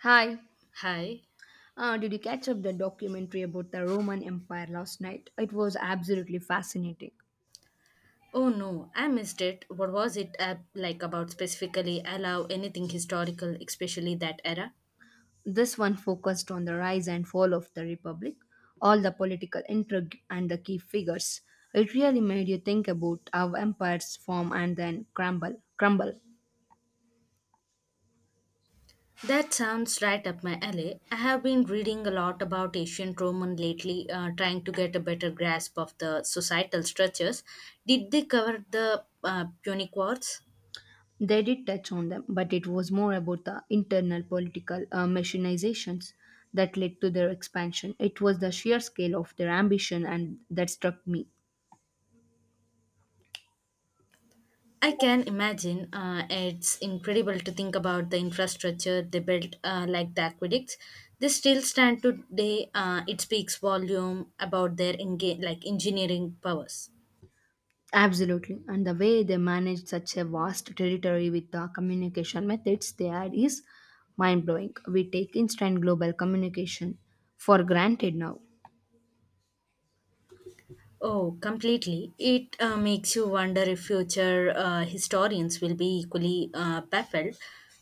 Hi. Hi. Did you catch up the documentary about the Roman Empire last night? It was absolutely fascinating. Oh no, I missed it. What was it like about specifically allow anything historical, especially that era? This one focused on the rise and fall of the Republic, all the political intrigue, and the key figures. It really made you think about how empires form and then crumble. That sounds right up my alley. I have been reading a lot about ancient Roman lately, trying to get a better grasp of the societal structures. Did they cover the Punic Wars? They did touch on them, but it was more about the internal political machinizations that led to their expansion. It was the sheer scale of their ambition and that struck me. I can imagine. It's incredible to think about the infrastructure they built, like the aqueducts. They still stand today. It speaks volume about their like engineering powers. Absolutely. And the way they manage such a vast territory with the communication methods they had is mind blowing. We take instant global communication for granted now. Oh, completely. It makes you wonder if future historians will be equally baffled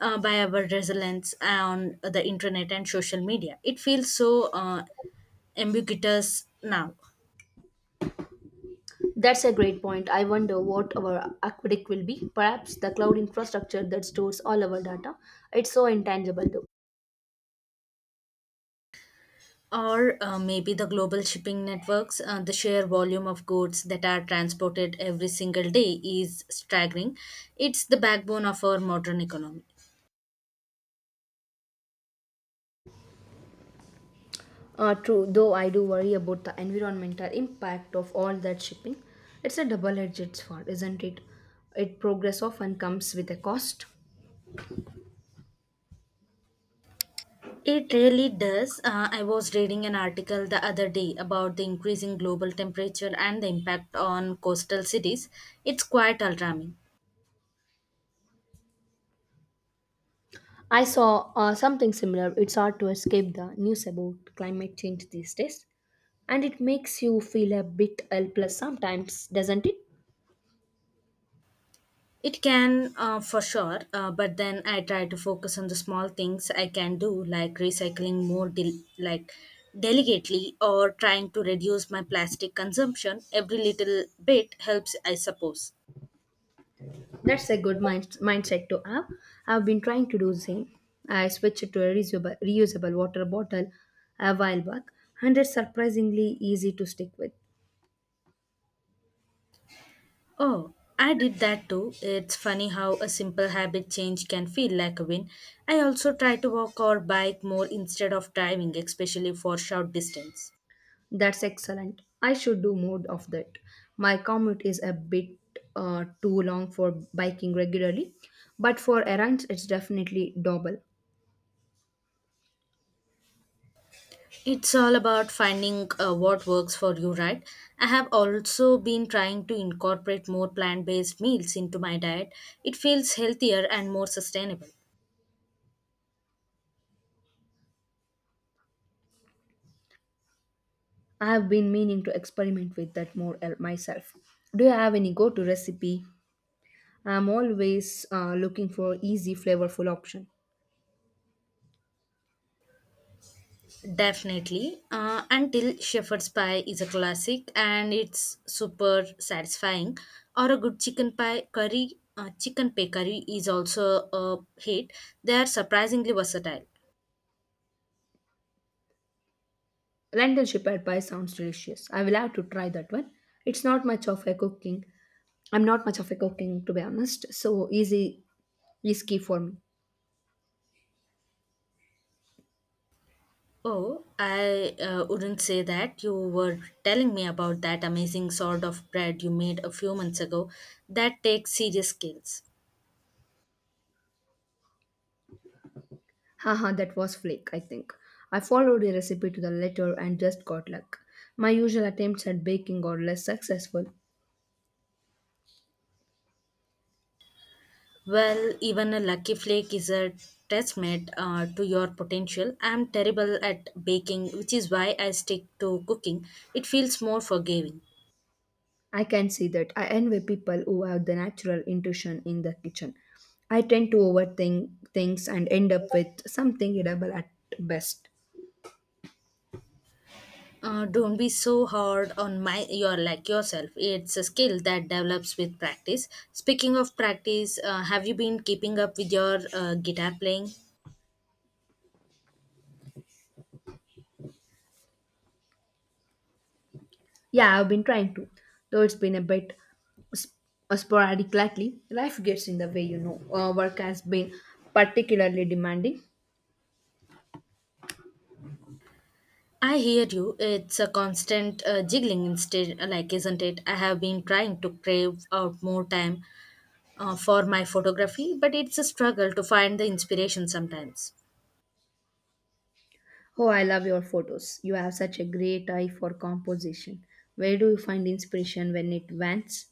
by our resilience on the internet and social media. It feels so ambiguous now. That's a great point. I wonder what our aqueduct will be. Perhaps the cloud infrastructure that stores all our data. It's so intangible though. Or maybe the global shipping networks, the sheer volume of goods that are transported every single day is staggering. It's the backbone of our modern economy. True, though I do worry about the environmental impact of all that shipping. It's a double edged sword, isn't it? It progress often comes with a cost. It really does. I was reading an article the other day about the increasing global temperature and the impact on coastal cities. It's quite alarming. I saw something similar. It's hard to escape the news about climate change these days, and it makes you feel a bit helpless sometimes, doesn't it? It can, for sure, but then I try to focus on the small things I can do, like recycling more, like delicately, or trying to reduce my plastic consumption. Every little bit helps, I suppose. That's a good mindset to have. I've been trying to do the same. I switched to a reusable water bottle a while back, and it's surprisingly easy to stick with. Oh, I did that too. It's funny how a simple habit change can feel like a win. I also try to walk or bike more instead of driving, especially for short distance. That's excellent. I should do more of that. My commute is a bit too long for biking regularly, but for errands, it's definitely doable. It's all about finding what works for you, right? I have also been trying to incorporate more plant based meals into my diet. It feels healthier and more sustainable. I've been meaning to experiment with that more myself. Do you have any go-to recipe? I'm always looking for easy, flavorful option. Definitely. Until shepherd's pie is a classic and it's super satisfying, or a good chicken pie curry is also a hit. They are surprisingly versatile. Lentil shepherd pie sounds delicious. I will have to try that one. It's not much of a cooking. I'm not much of a cooking to be honest. So easy is key for me. Oh, I wouldn't say that. You were telling me about that amazing sort of bread you made a few months ago. That takes serious skills. Haha, that was flake, I think. I followed the recipe to the letter and just got luck. My usual attempts at baking are less successful. Well, even a lucky flake is a testament to your potential. I'm terrible at baking, which is why I stick to cooking. It feels more forgiving. I can see that. I envy people who have the natural intuition in the kitchen. I tend to overthink things and end up with something edible at best. Don't be so hard on my your like yourself. It's a skill that develops with practice. Speaking of practice, have you been keeping up with your guitar playing? Yeah, I've been trying to, though it's been a bit sp- sporadic lately. Life gets in the way, you know. Work has been particularly demanding. I hear you. It's a constant jiggling instead, like, isn't it? I have been trying to crave out more time for my photography, but it's a struggle to find the inspiration sometimes. Oh, I love your photos. You have such a great eye for composition. Where do you find inspiration when it wants?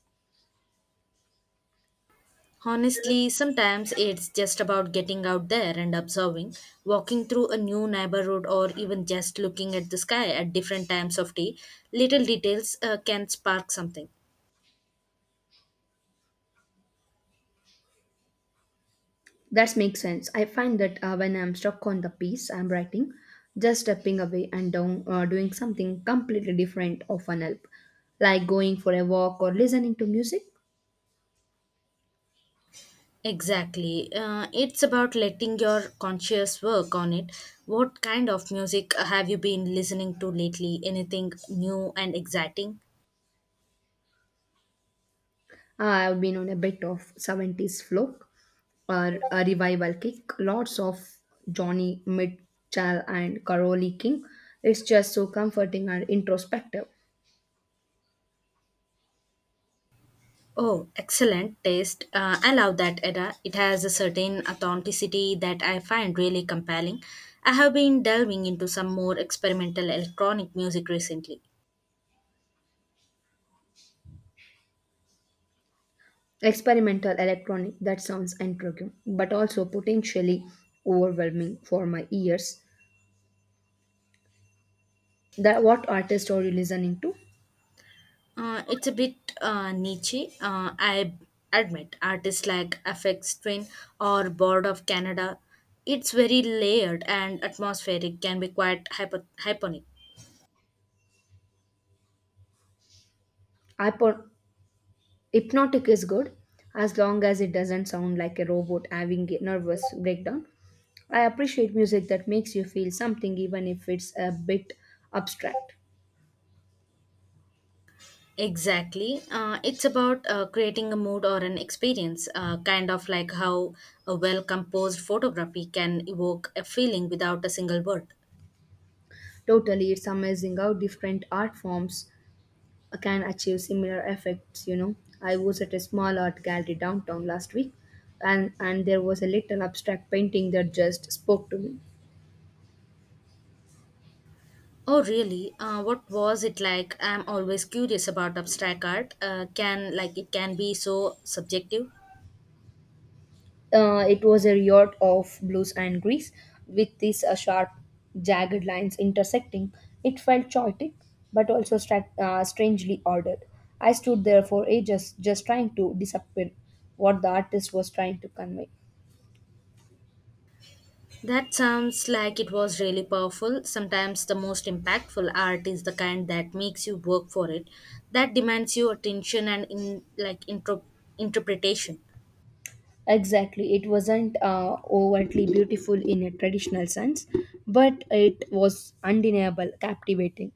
Honestly, sometimes it's just about getting out there and observing, walking through a new neighborhood, or even just looking at the sky at different times of day. Little details can spark something. That makes sense. I find that when I'm stuck on the piece I'm writing, just stepping away and down, doing something completely different often help, like going for a walk or listening to music. Exactly. It's about letting your conscious work on it. What kind of music have you been listening to lately? Anything new and exciting? I've been on a bit of 70s folk or a revival kick, lots of Johnny Mitchell and Carole King. It's just so comforting and introspective. Oh, excellent taste. I love that era. It has a certain authenticity that I find really compelling. I have been delving into some more experimental electronic music recently. Experimental electronic that sounds intriguing, but also potentially overwhelming for my ears. That what artist are you listening to? It's a bit niche. I admit artists like FX Twin or Board of Canada. It's very layered and atmospheric, can be quite hyponic. Hypo- Hypnotic is good as long as it doesn't sound like a robot having a nervous breakdown. I appreciate music that makes you feel something even if it's a bit abstract. Exactly. It's about creating a mood or an experience, kind of like how a well composed photography can evoke a feeling without a single word. Totally, it's amazing how different art forms can achieve similar effects, you know. I was at a small art gallery downtown last week, and there was a little abstract painting that just spoke to me. Oh, really? What was it like? I'm always curious about abstract art. Can like it can be so subjective. It was a riot of blues and grease, with these sharp, jagged lines intersecting. It felt chaotic, but also strangely ordered. I stood there for ages, just trying to decipher what the artist was trying to convey. That sounds like it was really powerful. Sometimes the most impactful art is the kind that makes you work for it, that demands your attention and interpretation. Exactly, it wasn't overtly beautiful in a traditional sense, but it was undeniable, captivating.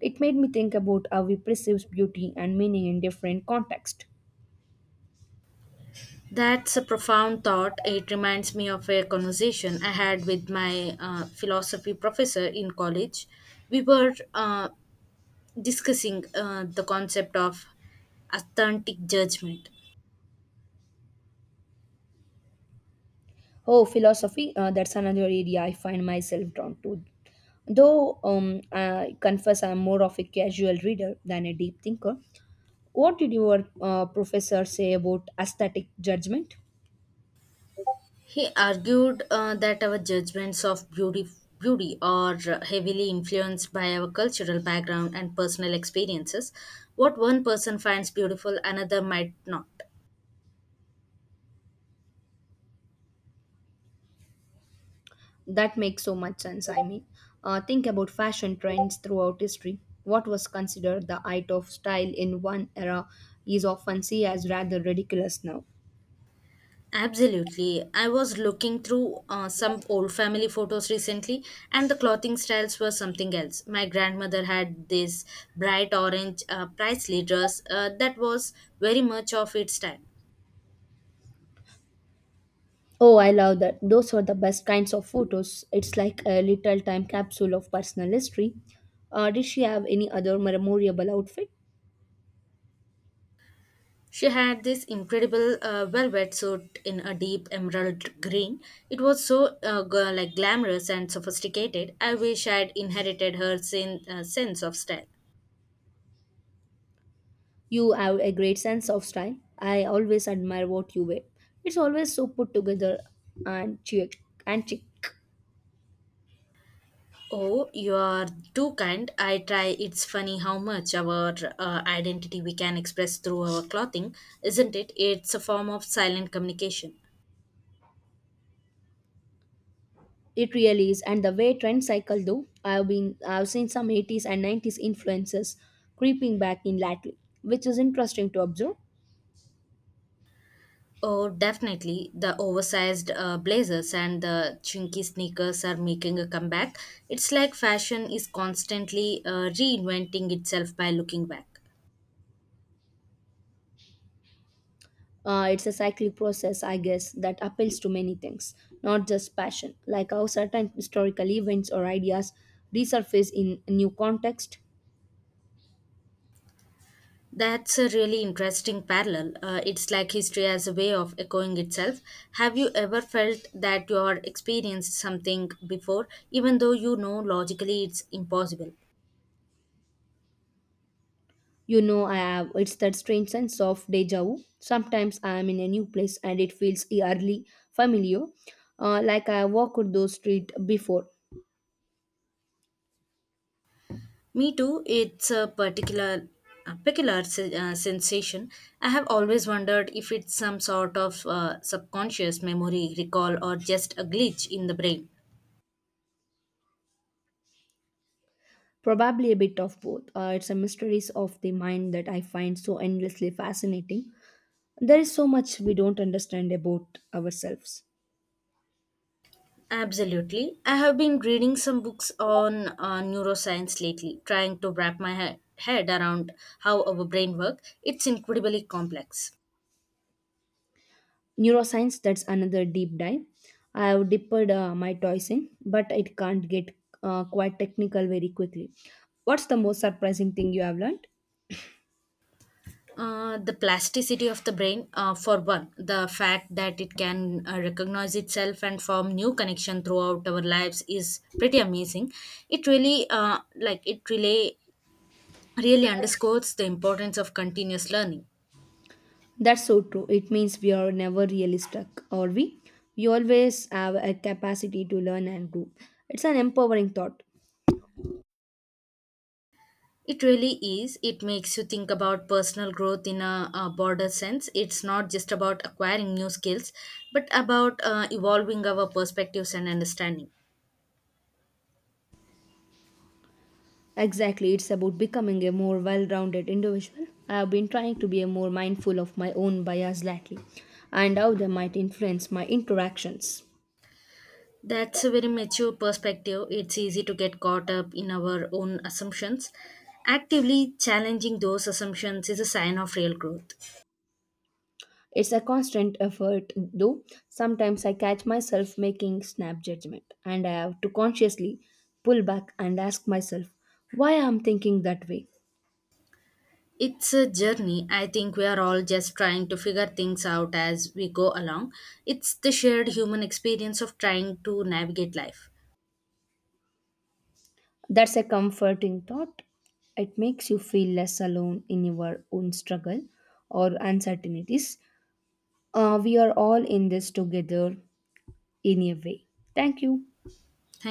It made me think about how we perceive beauty and meaning in different contexts. That's a profound thought. It reminds me of a conversation I had with my philosophy professor in college. We were discussing the concept of authentic judgment. Oh, philosophy, that's another area I find myself drawn to. Though I confess I'm more of a casual reader than a deep thinker. What did your professor say about aesthetic judgment? He argued that our judgments of beauty are heavily influenced by our cultural background and personal experiences. What one person finds beautiful, another might not. That makes so much sense. I mean, think about fashion trends throughout history. What was considered the height of style in one era is often seen as rather ridiculous now. Absolutely. I was looking through some old family photos recently, and the clothing styles were something else. My grandmother had this bright orange priestly dress that was very much of its time. Oh, I love that. Those were the best kinds of photos. It's like a little time capsule of personal history. Did she have any other memorable outfit? She had this incredible velvet suit in a deep emerald green. It was so glamorous and sophisticated. I wish I'd inherited her sense of style. You have a great sense of style. I always admire what you wear. It's always so put together and chic. Oh, you are too kind. I try. It's funny how much our identity we can express through our clothing, isn't it? It's a form of silent communication. It really is. And the way trend cycle though, I've seen some 80s and 90s influences creeping back in lately, which is interesting to observe. Oh, definitely. The oversized blazers and the chunky sneakers are making a comeback. It's like fashion is constantly reinventing itself by looking back. It's a cyclic process, I guess, that appeals to many things, not just passion, like how certain historical events or ideas resurface in a new context. That's a really interesting parallel. It's like history as a way of echoing itself. Have you ever felt that you are experienced something before, even though you know logically it's impossible? You know, I have it's that strange sense of deja vu. Sometimes I am in a new place and it feels eerily familiar, like I have walked those streets before. Me too. It's a peculiar sensation. I have always wondered if it's some sort of subconscious memory recall or just a glitch in the brain. Probably a bit of both. It's a mysteries of the mind that I find so endlessly fascinating. There is so much we don't understand about ourselves. Absolutely. I have been reading some books on neuroscience lately, trying to wrap my head around how our brain works. It's incredibly complex. Neuroscience, that's another deep dive. I have dipped my toys in, but it can't get quite technical very quickly. What's the most surprising thing you have learned? The plasticity of the brain, for one, the fact that it can recognize itself and form new connection throughout our lives is pretty amazing. It really, really underscores the importance of continuous learning. That's so true, it means we are never really stuck, are we? We always have a capacity to learn and grow. It's an empowering thought. It really is. It makes you think about personal growth in a broader sense. It's not just about acquiring new skills, but about evolving our perspectives and understanding. Exactly, it's about becoming a more well-rounded individual. I have been trying to be a more mindful of my own bias lately, and how they might influence my interactions. That's a very mature perspective. It's easy to get caught up in our own assumptions. Actively challenging those assumptions is a sign of real growth. It's a constant effort, though. Sometimes I catch myself making snap judgment, and I have to consciously pull back and ask myself why I'm thinking that way. It's a journey. I think we are all just trying to figure things out as we go along. It's the shared human experience of trying to navigate life. That's a comforting thought. It makes you feel less alone in your own struggle or uncertainties. We are all in this together in a way. Thank you. Thank